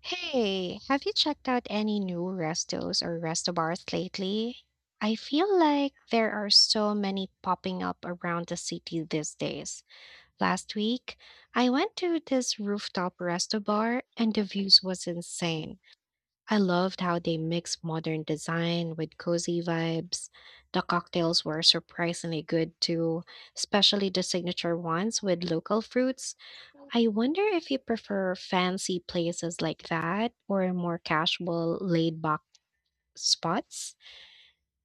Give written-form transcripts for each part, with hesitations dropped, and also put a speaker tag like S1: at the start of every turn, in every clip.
S1: Hey, have you checked out any new restos or restobars lately? I feel like there are so many popping up around the city these days. Last week, I went to this rooftop restobar and the views was insane. I loved how they mix modern design with cozy vibes. The cocktails were surprisingly good too, especially the signature ones with local fruits. I wonder if you prefer fancy places like that or more casual, laid back spots.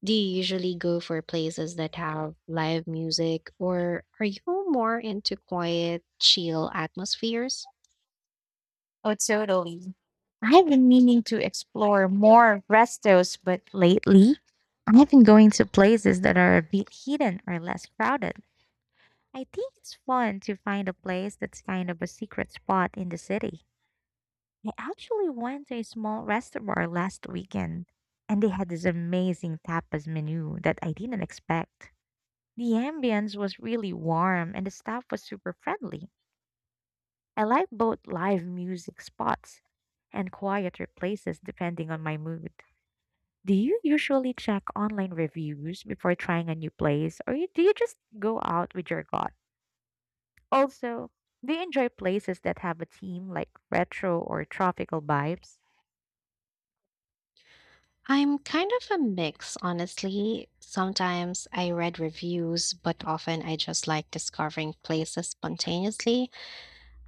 S1: Do you usually go for places that have live music or are you more into quiet, chill atmospheres?
S2: Oh, totally. I've been meaning to explore more restos, but lately I've been going to places that are a bit hidden or less crowded. I think it's fun to find a place that's kind of a secret spot in the city. I actually went to a small restaurant last weekend, and they had this amazing tapas menu that I didn't expect. The ambience was really warm, and the staff was super friendly. I like both live music spots and quieter places depending on my mood. Do you usually check online reviews before trying a new place, or do you just go out with your gut? Also, do you enjoy places that have a theme like retro or tropical vibes?
S1: I'm kind of a mix, honestly. Sometimes I read reviews, but often I just like discovering places spontaneously.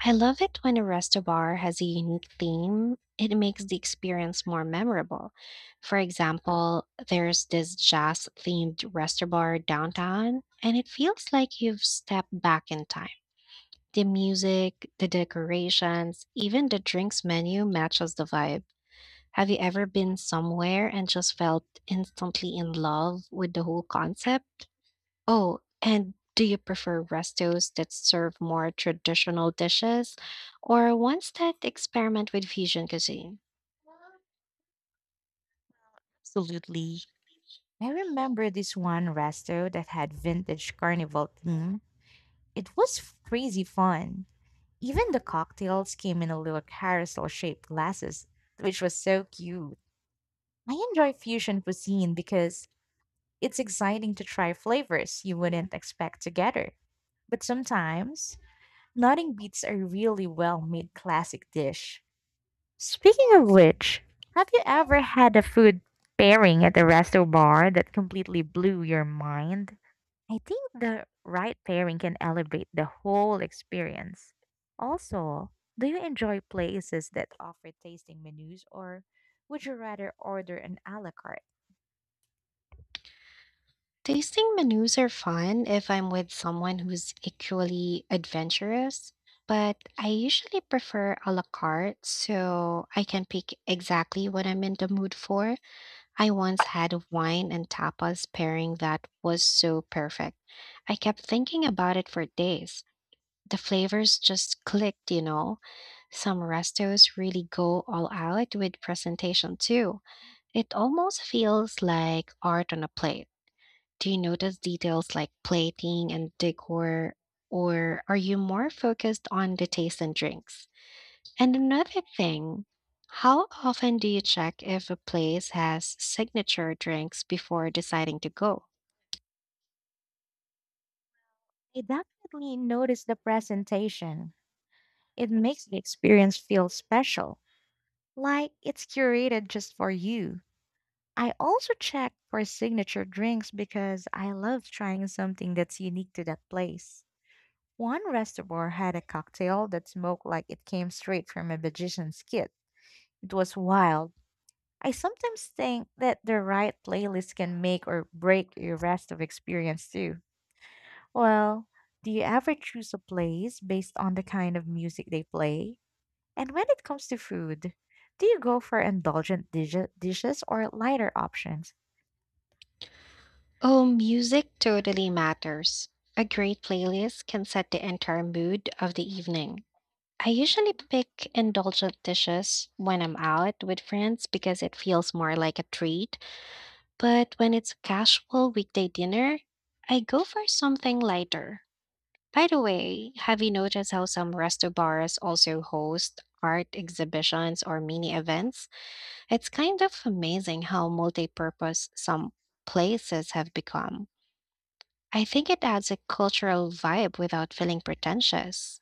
S1: I love it when a resto bar has a unique theme. It makes the experience more memorable. For example, there's this jazz themed resto bar downtown, and it feels like you've stepped back in time. The music, the decorations, even the drinks menu matches the vibe. Have you ever been somewhere and just felt instantly in love with the whole concept? Oh, and do you prefer restos that serve more traditional dishes or ones that experiment with fusion cuisine?
S2: Absolutely. I remember this one resto that had vintage carnival theme. It was crazy fun. Even the cocktails came in a little carousel shaped glasses, which was so cute. I enjoy fusion cuisine because it's exciting to try flavors you wouldn't expect together. But sometimes, nothing beats a really well made classic dish. Speaking of which, have you ever had a food pairing at a resto bar that completely blew your mind? I think the right pairing can elevate the whole experience. Also, do you enjoy places that offer tasting menus or would you rather order an a la carte?
S1: Tasting menus are fun if I'm with someone who's equally adventurous, but I usually prefer a la carte so I can pick exactly what I'm in the mood for. I once had a wine and tapas pairing that was so perfect. I kept thinking about it for days. The flavors just clicked. Some restos really go all out with presentation too. It almost feels like art on a plate. Do you notice details like plating and decor, or are you more focused on the taste and drinks? And another thing, how often do you check if a place has signature drinks before deciding to go?
S2: I definitely noticed the presentation. It makes the experience feel special, like it's curated just for you. I also check for signature drinks because I love trying something that's unique to that place. One restaurant had a cocktail that smoked like it came straight from a magician's kit. It was wild. I sometimes think that the right playlist can make or break your rest of experience too. Well, do you ever choose a place based on the kind of music they play? And when it comes to food, do you go for indulgent dishes or lighter options?
S1: Oh, music totally matters. A great playlist can set the entire mood of the evening. I usually pick indulgent dishes when I'm out with friends because it feels more like a treat, but when it's a casual weekday dinner, I go for something lighter. By the way, have you noticed how some resto bars also host art exhibitions or mini events? It's kind of amazing how multi-purpose some places have become. I think it adds a cultural vibe without feeling pretentious.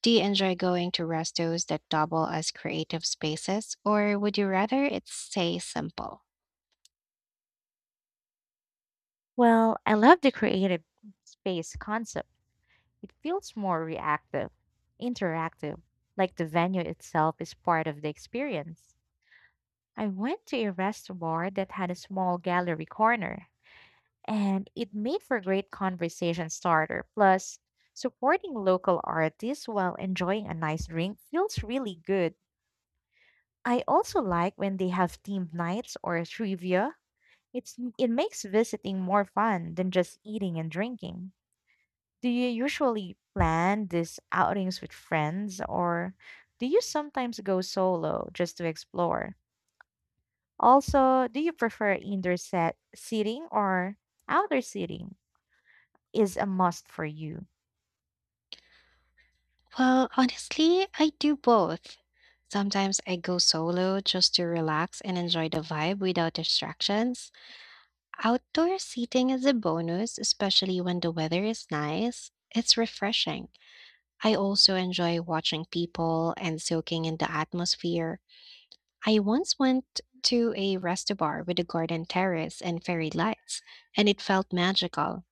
S1: Do you enjoy going to restos that double as creative spaces, or would you rather it stay simple?
S2: Well, I love the creative space concept. It feels more reactive, interactive, like the venue itself is part of the experience. I went to a restaurant that had a small gallery corner and it made for great conversation starter. Plus, supporting local artists while enjoying a nice drink feels really good. I also like when they have themed nights or trivia. It makes visiting more fun than just eating and drinking. Do you usually plan these outings with friends or do you sometimes go solo just to explore? Also, do you prefer indoor set seating or outdoor seating is a must for you?
S1: Well, honestly, I do both. Sometimes I go solo just to relax and enjoy the vibe without distractions. Outdoor seating is a bonus, especially when the weather is nice. It's refreshing. I also enjoy watching people and soaking in the atmosphere. I once went to a resto bar with a garden terrace and fairy lights, and it felt magical.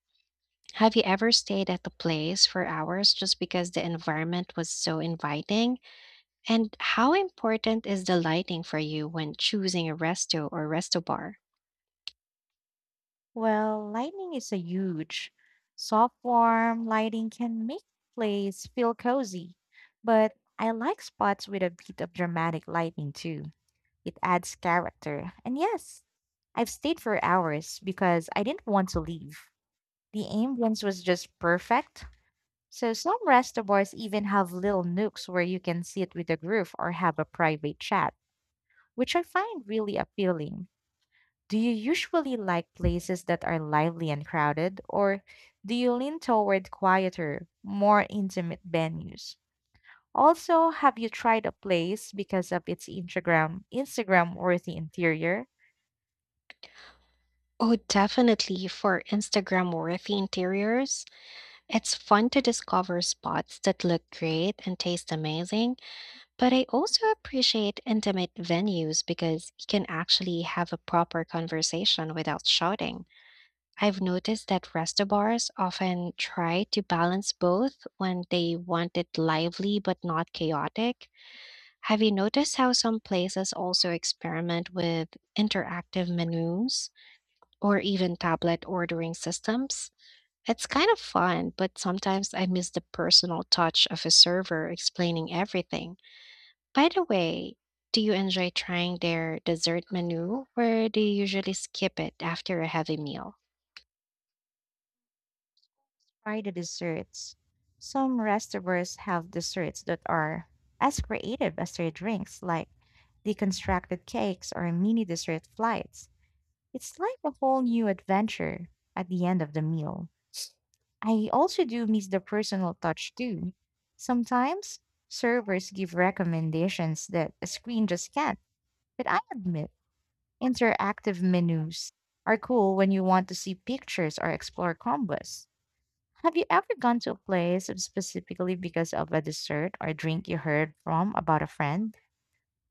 S1: Have you ever stayed at a place for hours just because the environment was so inviting? And how important is the lighting for you when choosing a resto or resto bar?
S2: Well, lighting is a huge. Soft, warm lighting can make place feel cozy, but I like spots with a bit of dramatic lighting too. It adds character. And yes, I've stayed for hours because I didn't want to leave. The ambience was just perfect. So some restaurants even have little nooks where you can sit with a group or have a private chat, which I find really appealing. Do you usually like places that are lively and crowded, or do you lean toward quieter, more intimate venues? Also, have you tried a place because of its Instagram worthy interior?
S1: Oh, definitely. For Instagram worthy interiors, it's fun to discover spots that look great and taste amazing, but I also appreciate intimate venues because you can actually have a proper conversation without shouting. I've noticed that resto bars often try to balance both when they want it lively but not chaotic. Have you noticed how some places also experiment with interactive menus or even tablet ordering systems? It's kind of fun, but sometimes I miss the personal touch of a server explaining everything. By the way, do you enjoy trying their dessert menu, or do you usually skip it after a heavy meal?
S2: Try the desserts. Some restaurants have desserts that are as creative as their drinks, like deconstructed cakes or mini dessert flights. It's like a whole new adventure at the end of the meal. I also do miss the personal touch too. Sometimes servers give recommendations that a screen just can't. But I admit, interactive menus are cool when you want to see pictures or explore combos. Have you ever gone to a place specifically because of a dessert or drink you heard from about a friend?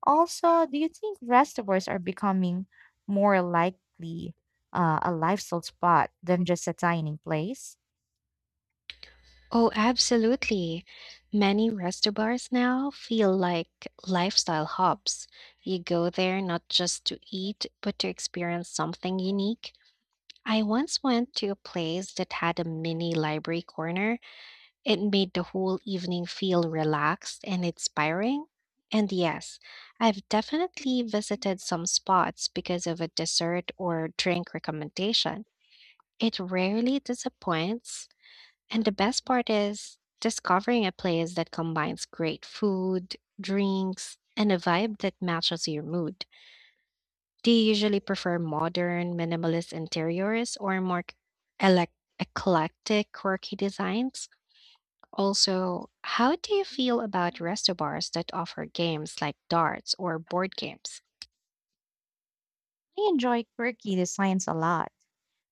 S2: Also, do you think restaurants are becoming more likely a lifestyle spot than just a dining place?
S1: Oh, absolutely. Many resto bars now feel like lifestyle hubs. You go there not just to eat, but to experience something unique. I once went to a place that had a mini library corner. It made the whole evening feel relaxed and inspiring. And yes, I've definitely visited some spots because of a dessert or drink recommendation. It rarely disappoints. And the best part is discovering a place that combines great food, drinks, and a vibe that matches your mood. Do you usually prefer modern, minimalist interiors or more elec- eclectic, quirky designs? Also, how do you feel about resto bars that offer games like darts or board games?
S2: I enjoy quirky designs a lot.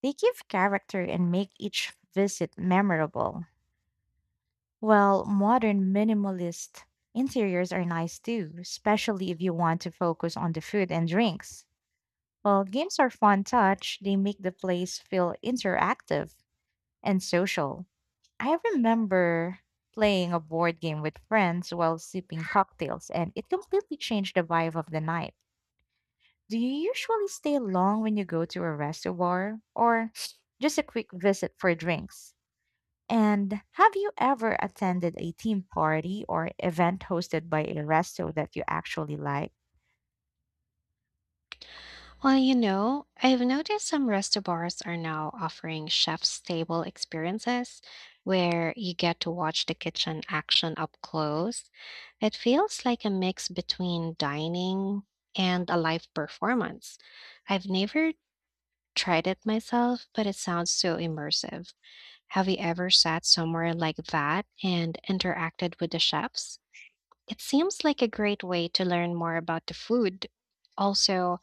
S2: They give character and make each visit memorable. While modern minimalist interiors are nice too, especially if you want to focus on the food and drinks. While games are fun touch, they make the place feel interactive and social. I remember playing a board game with friends while sipping cocktails, and it completely changed the vibe of the night. Do you usually stay long when you go to a reservoir or just a quick visit for drinks? And have you ever attended a team party or event hosted by a resto that you actually like?
S1: Well, you know, I've noticed some resto bars are now offering chef's table experiences where you get to watch the kitchen action up close. It feels like a mix between dining and a live performance. I've never tried it myself, but it sounds so immersive. Have you ever sat somewhere like that and interacted with the chefs? It seems like a great way to learn more about the food. Also,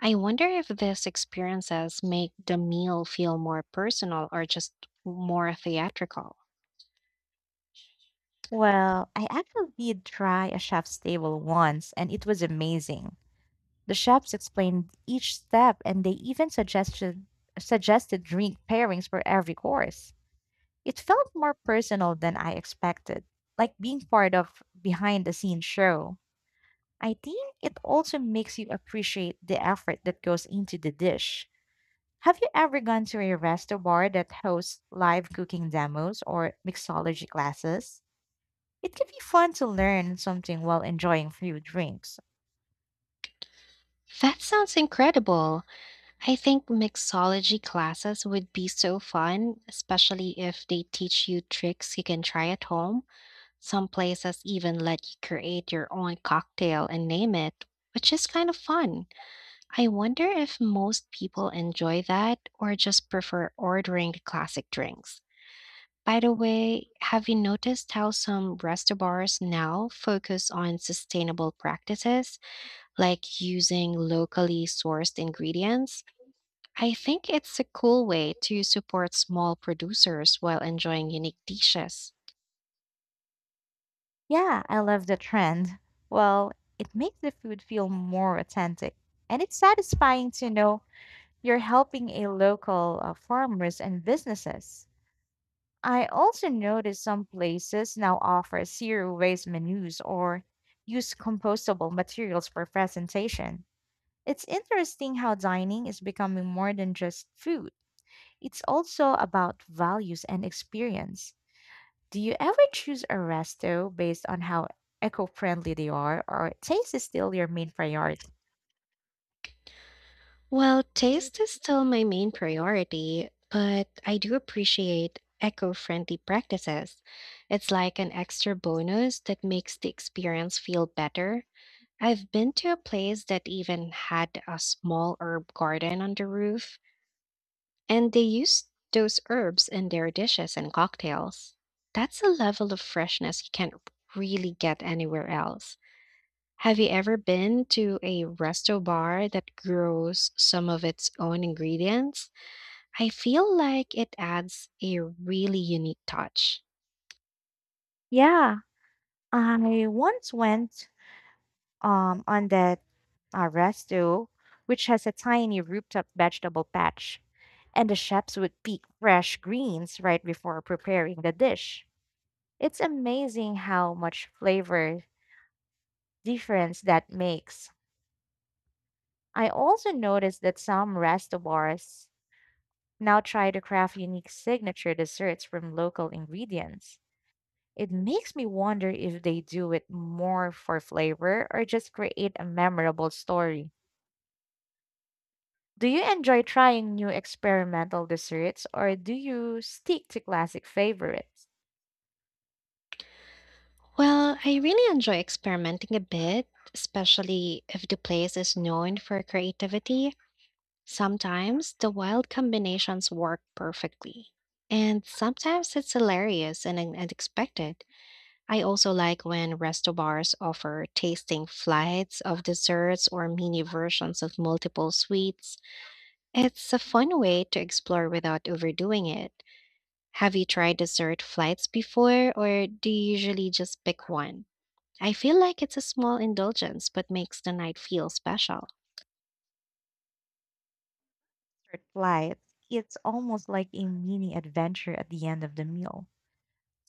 S1: I wonder if these experiences make the meal feel more personal or just more theatrical.
S2: Well, I actually did try a chef's table once and it was amazing. The chefs explained each step and they even suggested drink pairings for every course. It felt more personal than I expected, like being part of behind the scenes show. I think it also makes you appreciate the effort that goes into the dish. Have you ever gone to a resto bar that hosts live cooking demos or mixology classes? It can be fun to learn something while enjoying few drinks.
S1: That sounds incredible. I think mixology classes would be so fun, especially if they teach you tricks you can try at home. Some places even let you create your own cocktail and name it, which is kind of fun. I wonder if most people enjoy that or just prefer ordering the classic drinks. By the way, have you noticed how some restaurants now focus on sustainable practices, like using locally sourced ingredients? I think it's a cool way to support small producers while enjoying unique dishes.
S2: Yeah, I love the trend. Well, it makes the food feel more authentic, and it's satisfying to know you're helping a local farmers and businesses. I also noticed some places now offer zero waste menus or use compostable materials for presentation. It's interesting how dining is becoming more than just food. It's also about values and experience. Do you ever choose a resto based on how eco-friendly they are or taste is still your main priority?
S1: Well, taste is still my main priority, but I do appreciate eco friendly practices. It's like an extra bonus that makes the experience feel better. I've been to a place that even had a small herb garden on the roof, and they used those herbs in their dishes and cocktails. That's a level of freshness you can't really get anywhere else. Have you ever been to a resto bar that grows some of its own ingredients? I feel like it adds a really unique touch.
S2: Yeah, I once went on that resto which has a tiny rooftop vegetable patch and the chefs would pick fresh greens right before preparing the dish. It's amazing how much flavor difference that makes. I also noticed that some restaurants now try to craft unique signature desserts from local ingredients. It makes me wonder if they do it more for flavor or just create a memorable story. Do you enjoy trying new experimental desserts or do you stick to classic favorites?
S1: Well, I really enjoy experimenting a bit, especially if the place is known for creativity. Sometimes the wild combinations work perfectly, and sometimes it's hilarious and unexpected. I also like when resto bars offer tasting flights of desserts or mini versions of multiple sweets. It's a fun way to explore without overdoing it. Have you tried dessert flights before, or do you usually just pick one? I feel like it's a small indulgence but makes the night feel special.
S2: Lights, it's almost like a mini adventure at the end of the meal.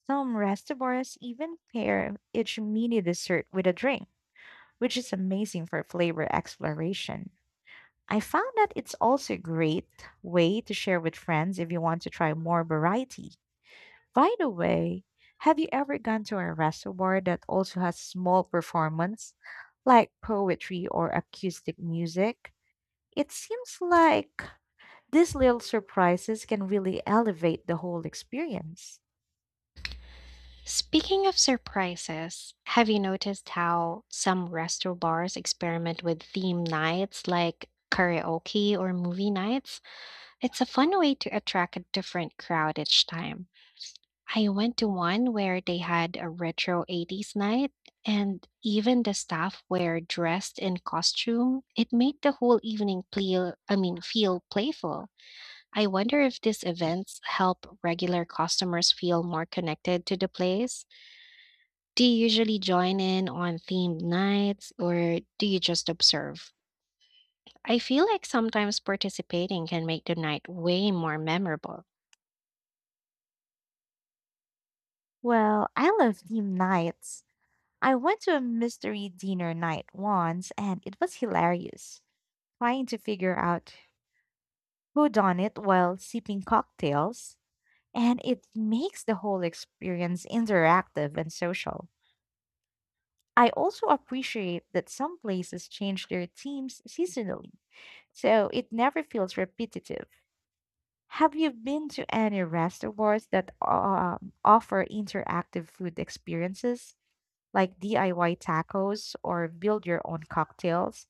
S2: Some restaurants even pair each mini dessert with a drink, which is amazing for flavor exploration. I found that it's also a great way to share with friends if you want to try more variety. By the way, have you ever gone to a restaurant that also has small performance like poetry or acoustic music? It seems like these little surprises can really elevate the whole experience.
S1: Speaking of surprises, have you noticed how some resto bars experiment with theme nights like karaoke or movie nights? It's a fun way to attract a different crowd each time. I went to one where they had a retro 80s night, and even the staff were dressed in costume. It made the whole evening feel playful. I wonder if these events help regular customers feel more connected to the place. Do you usually join in on themed nights, or do you just observe? I feel like sometimes participating can make the night way more memorable.
S2: Well, I love theme nights. I went to a mystery dinner night once and it was hilarious, trying to figure out who done it while sipping cocktails, and it makes the whole experience interactive and social. I also appreciate that some places change their themes seasonally, so it never feels repetitive. Have you been to any restaurants that offer interactive food experiences like DIY tacos or build your own cocktails?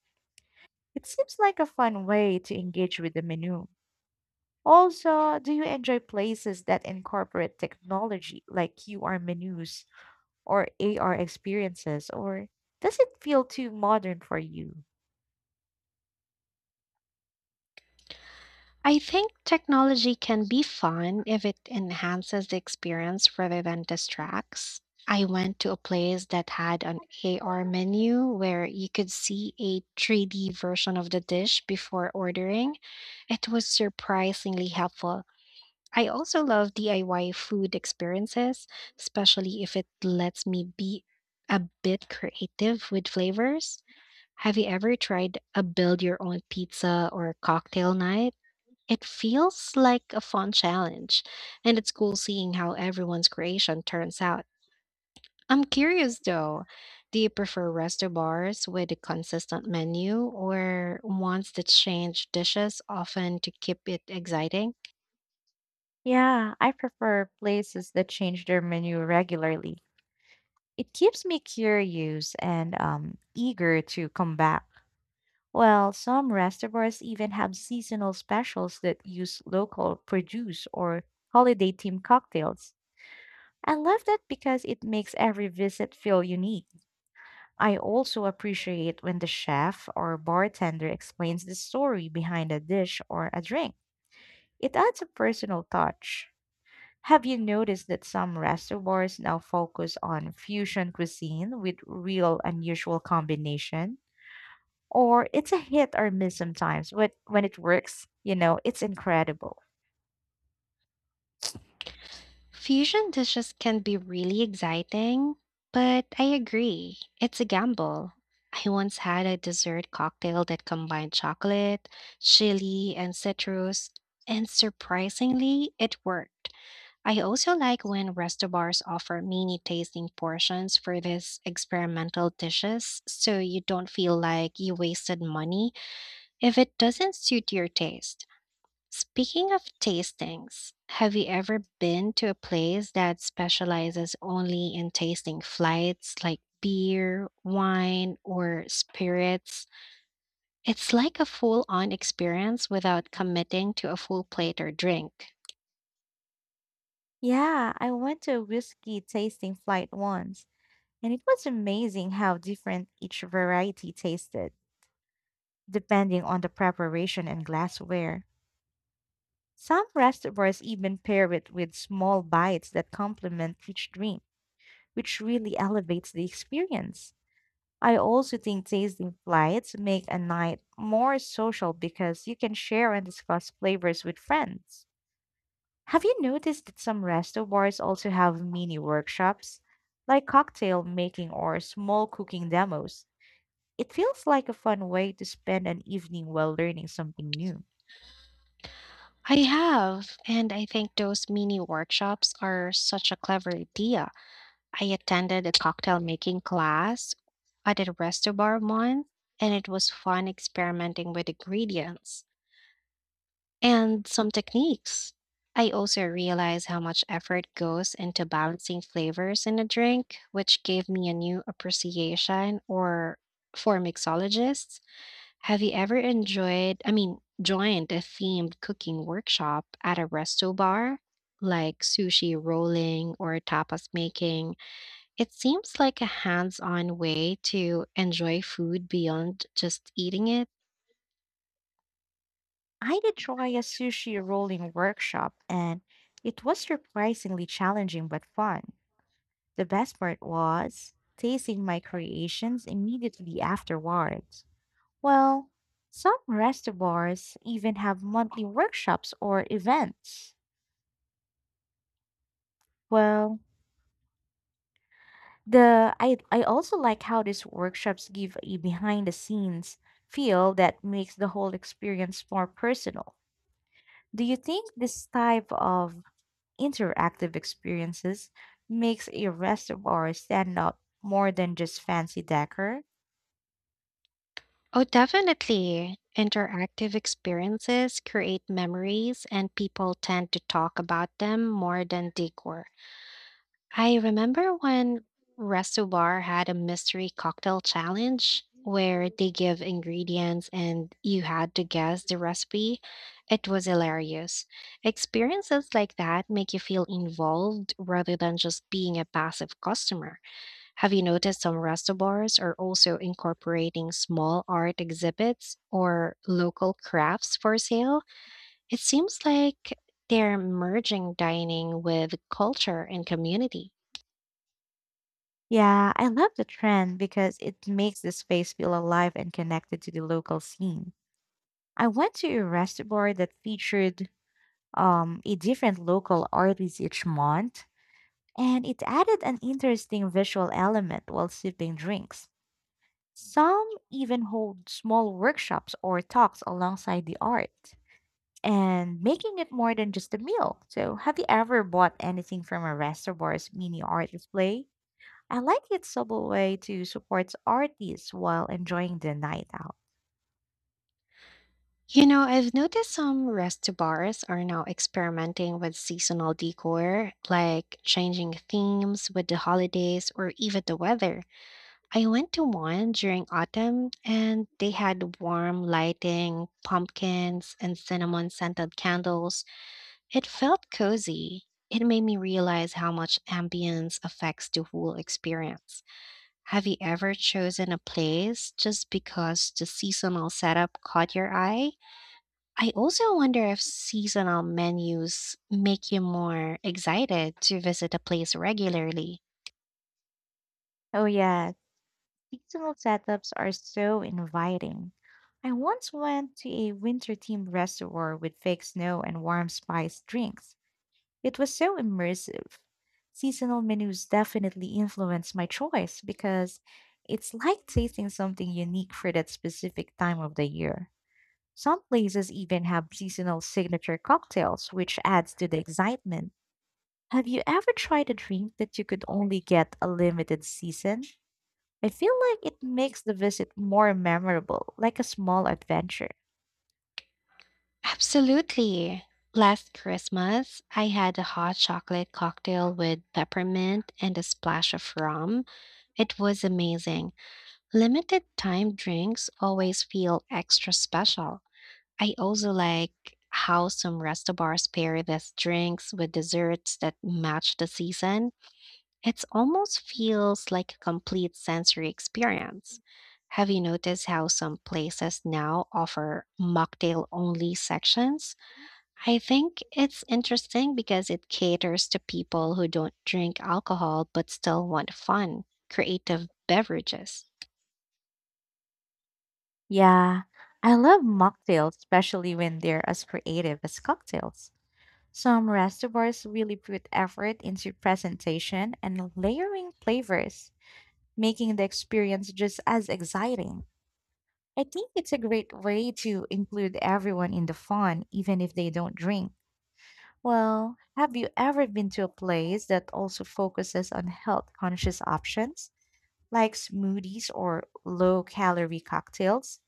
S2: It seems like a fun way to engage with the menu. Also, do you enjoy places that incorporate technology like QR menus or AR experiences, or does it feel too modern for you?
S1: I think technology can be fun if it enhances the experience rather than distracts. I went to a place that had an AR menu where you could see a 3D version of the dish before ordering. It was surprisingly helpful. I also love DIY food experiences, especially if it lets me be a bit creative with flavors. Have you ever tried a build your own pizza or cocktail night? It feels like a fun challenge, and it's cool seeing how everyone's creation turns out. I'm curious though, do you prefer resto bars with a consistent menu or ones that change dishes often to keep it exciting?
S2: Yeah, I prefer places that change their menu regularly. It keeps me curious and eager to come back. Well, some restaurants even have seasonal specials that use local produce or holiday themed cocktails. I love that because it makes every visit feel unique. I also appreciate when the chef or bartender explains the story behind a dish or a drink. It adds a personal touch. Have you noticed that some restaurants now focus on fusion cuisine with real unusual combination? Or it's a hit or miss sometimes, but when it works, you know, it's incredible.
S1: Fusion dishes can be really exciting, but I agree, it's a gamble. I once had a dessert cocktail that combined chocolate, chili, and citrus, and surprisingly, it worked. I also like when resto bars offer mini tasting portions for these experimental dishes so you don't feel like you wasted money if it doesn't suit your taste. Speaking of tastings, have you ever been to a place that specializes only in tasting flights like beer, wine, or spirits? It's like a full on experience without committing to a full plate or drink.
S2: Yeah, I went to a whiskey tasting flight once, and it was amazing how different each variety tasted, depending on the preparation and glassware. Some restaurants even pair it with small bites that complement each drink, which really elevates the experience. I also think tasting flights make a night more social because you can share and discuss flavors with friends. Have you noticed that some resto bars also have mini workshops, like cocktail making or small cooking demos? It feels like a fun way to spend an evening while learning something new.
S1: I have, and I think those mini workshops are such a clever idea. I attended a cocktail making class at a resto bar once, and it was fun experimenting with ingredients and some techniques. I also realized how much effort goes into balancing flavors in a drink, which gave me a new appreciation or for mixologists. Have you ever enjoyed, I mean, joined a themed cooking workshop at a resto bar, like sushi rolling or tapas making? It seems like a hands-on way to enjoy food beyond just eating it.
S2: I did try a sushi rolling workshop and it was surprisingly challenging but fun. The best part was tasting my creations immediately afterwards. Well, some restaurants even have monthly workshops or events. Well, the I also like how these workshops give a behind the scenes feel that makes the whole experience more personal. Do you think this type of interactive experiences makes a restaurant stand out more than just fancy decor?
S1: Oh, definitely. Interactive experiences create memories, and people tend to talk about them more than decor. I remember when Resto Bar had a mystery cocktail challenge where they give ingredients and you had to guess the recipe. It was hilarious. Experiences like that make you feel involved rather than just being a passive customer. Have you noticed some resto bars are also incorporating small art exhibits or local crafts for sale? It seems like they're merging dining with culture and community.
S2: Yeah, I love the trend because it makes the space feel alive and connected to the local scene. I went to a restaurant that featured a different local artist each month, and it added an interesting visual element while sipping drinks. Some even hold small workshops or talks alongside the art, and making it more than just a meal. So, have you ever bought anything from a restaurant's mini art display? I like it's a way to support artists while enjoying the night out.
S1: You know, I've noticed some resto bars are now experimenting with seasonal decor, like changing themes with the holidays or even the weather. I went to one during autumn and they had warm lighting, pumpkins, and cinnamon scented candles. It felt cozy. It made me realize how much ambience affects the whole experience. Have you ever chosen a place just because the seasonal setup caught your eye? I also wonder if seasonal menus make you more excited to visit a place regularly.
S2: Oh yeah, seasonal setups are so inviting. I once went to a winter themed reservoir with fake snow and warm spiced drinks. It was so immersive. Seasonal menus definitely influence my choice because it's like tasting something unique for that specific time of the year. Some places even have seasonal signature cocktails, which adds to the excitement. Have you ever tried a drink that you could only get a limited season? I feel like it makes the visit more memorable, like a small adventure.
S1: Absolutely. Last Christmas, I had a hot chocolate cocktail with peppermint and a splash of rum. It was amazing. Limited time drinks always feel extra special. I also like how some resto bars pair these drinks with desserts that match the season. It almost feels like a complete sensory experience. Have you noticed how some places now offer mocktail only sections? I think it's interesting because it caters to people who don't drink alcohol but still want fun, creative beverages.
S2: Yeah, I love mocktails, especially when they're as creative as cocktails. Some restaurants really put effort into presentation and layering flavors, making the experience just as exciting. I think it's a great way to include everyone in the fun, even if they don't drink. Well, have you ever been to a place that also focuses on health conscious options, like smoothies or low calorie cocktails?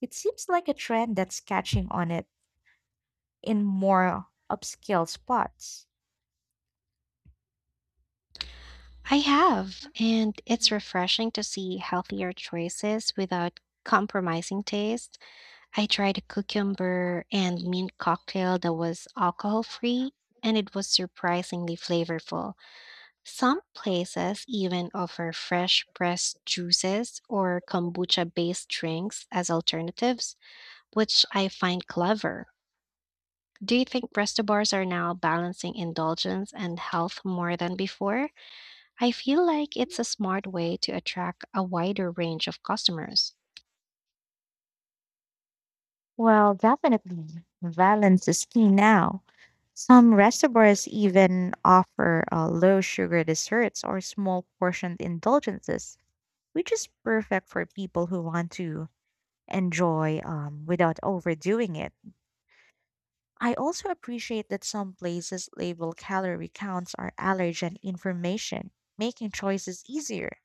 S2: It seems like a trend that's catching on it in more upscale spots.
S1: I have, and it's refreshing to see healthier choices without compromising taste. I tried a cucumber and mint cocktail that was alcohol free, and it was surprisingly flavorful. Some places even offer fresh pressed juices or kombucha based drinks as alternatives, which I find clever. Do you think resto bars are now balancing indulgence and health more than before? I feel like it's a smart way to attract a wider range of customers.
S2: Well, definitely. Balance is key now. Some restaurants even offer low sugar desserts or small portioned indulgences, which is perfect for people who want to enjoy without overdoing it. I also appreciate that some places label calorie counts or allergen information, making choices easier.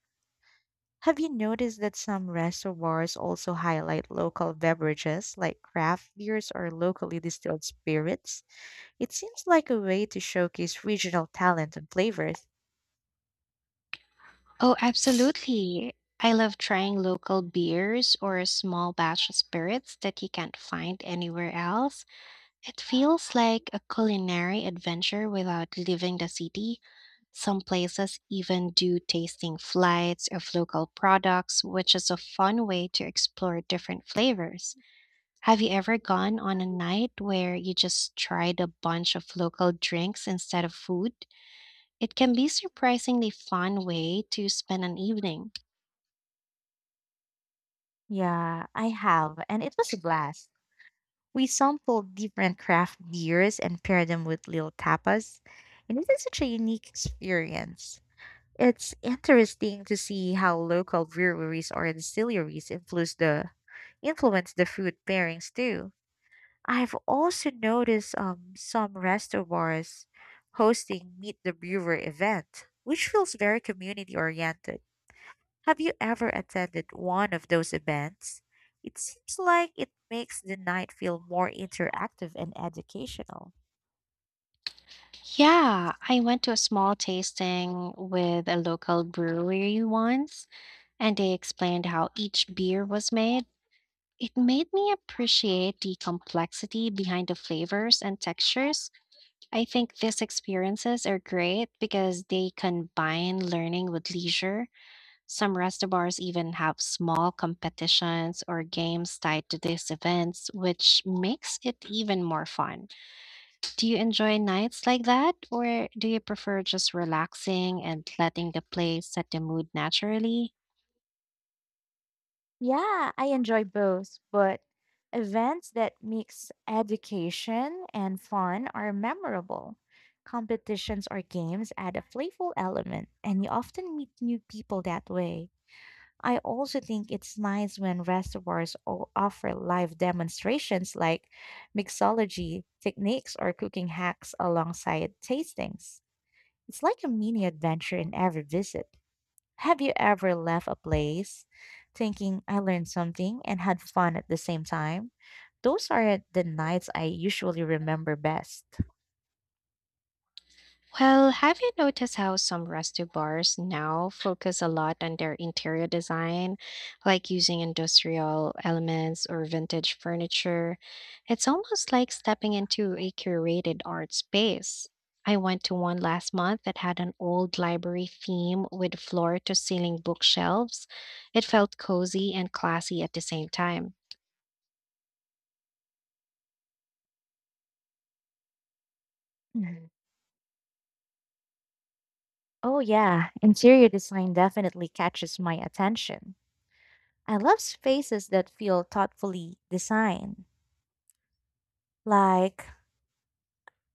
S2: Have you noticed that some reservoirs also highlight local beverages like craft beers or locally distilled spirits? It seems like a way to showcase regional talent and flavors.
S1: Oh, absolutely. I love trying local beers or small batch spirits that you can't find anywhere else. It feels like a culinary adventure without leaving the city. Some places even do tasting flights of local products, which is a fun way to explore different flavors. Have you ever gone on a night where you just tried a bunch of local drinks instead of food? It can be surprisingly fun way to spend an evening.
S2: Yeah, I have, and it was a blast. We sampled different craft beers and paired them with little tapas, and it is such a unique experience. It's interesting to see how local breweries or distilleries influence the food pairings too. I've also noticed some restaurants hosting Meet the Brewer event, which feels very community oriented. Have you ever attended one of those events? It seems like it makes the night feel more interactive and educational.
S1: Yeah, I went to a small tasting with a local brewery once, and they explained how each beer was made. It made me appreciate the complexity behind the flavors and textures. I think these experiences are great because they combine learning with leisure. Some restaurants even have small competitions or games tied to these events, which makes it even more fun. Do you enjoy nights like that, or do you prefer just relaxing and letting the play set the mood naturally?
S2: Yeah, I enjoy both, but events that mix education and fun are memorable. Competitions or games add a playful element, and you often meet new people that way. I also think it's nice when reservoirs offer live demonstrations like mixology techniques or cooking hacks alongside tastings. It's like a mini adventure in every visit. Have you ever left a place thinking I learned something and had fun at the same time? Those are the nights I usually remember best.
S1: Well, have you noticed how some resto bars now focus a lot on their interior design, like using industrial elements or vintage furniture? It's almost like stepping into a curated art space. I went to one last month that had an old library theme with floor to ceiling bookshelves. It felt cozy and classy at the same time.
S2: Mhm. Oh, yeah, interior design definitely catches my attention. I love spaces that feel thoughtfully designed, like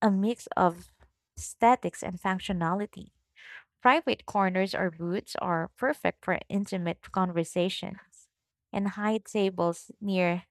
S2: a mix of aesthetics and functionality. Private corners or booths are perfect for intimate conversations, and high tables near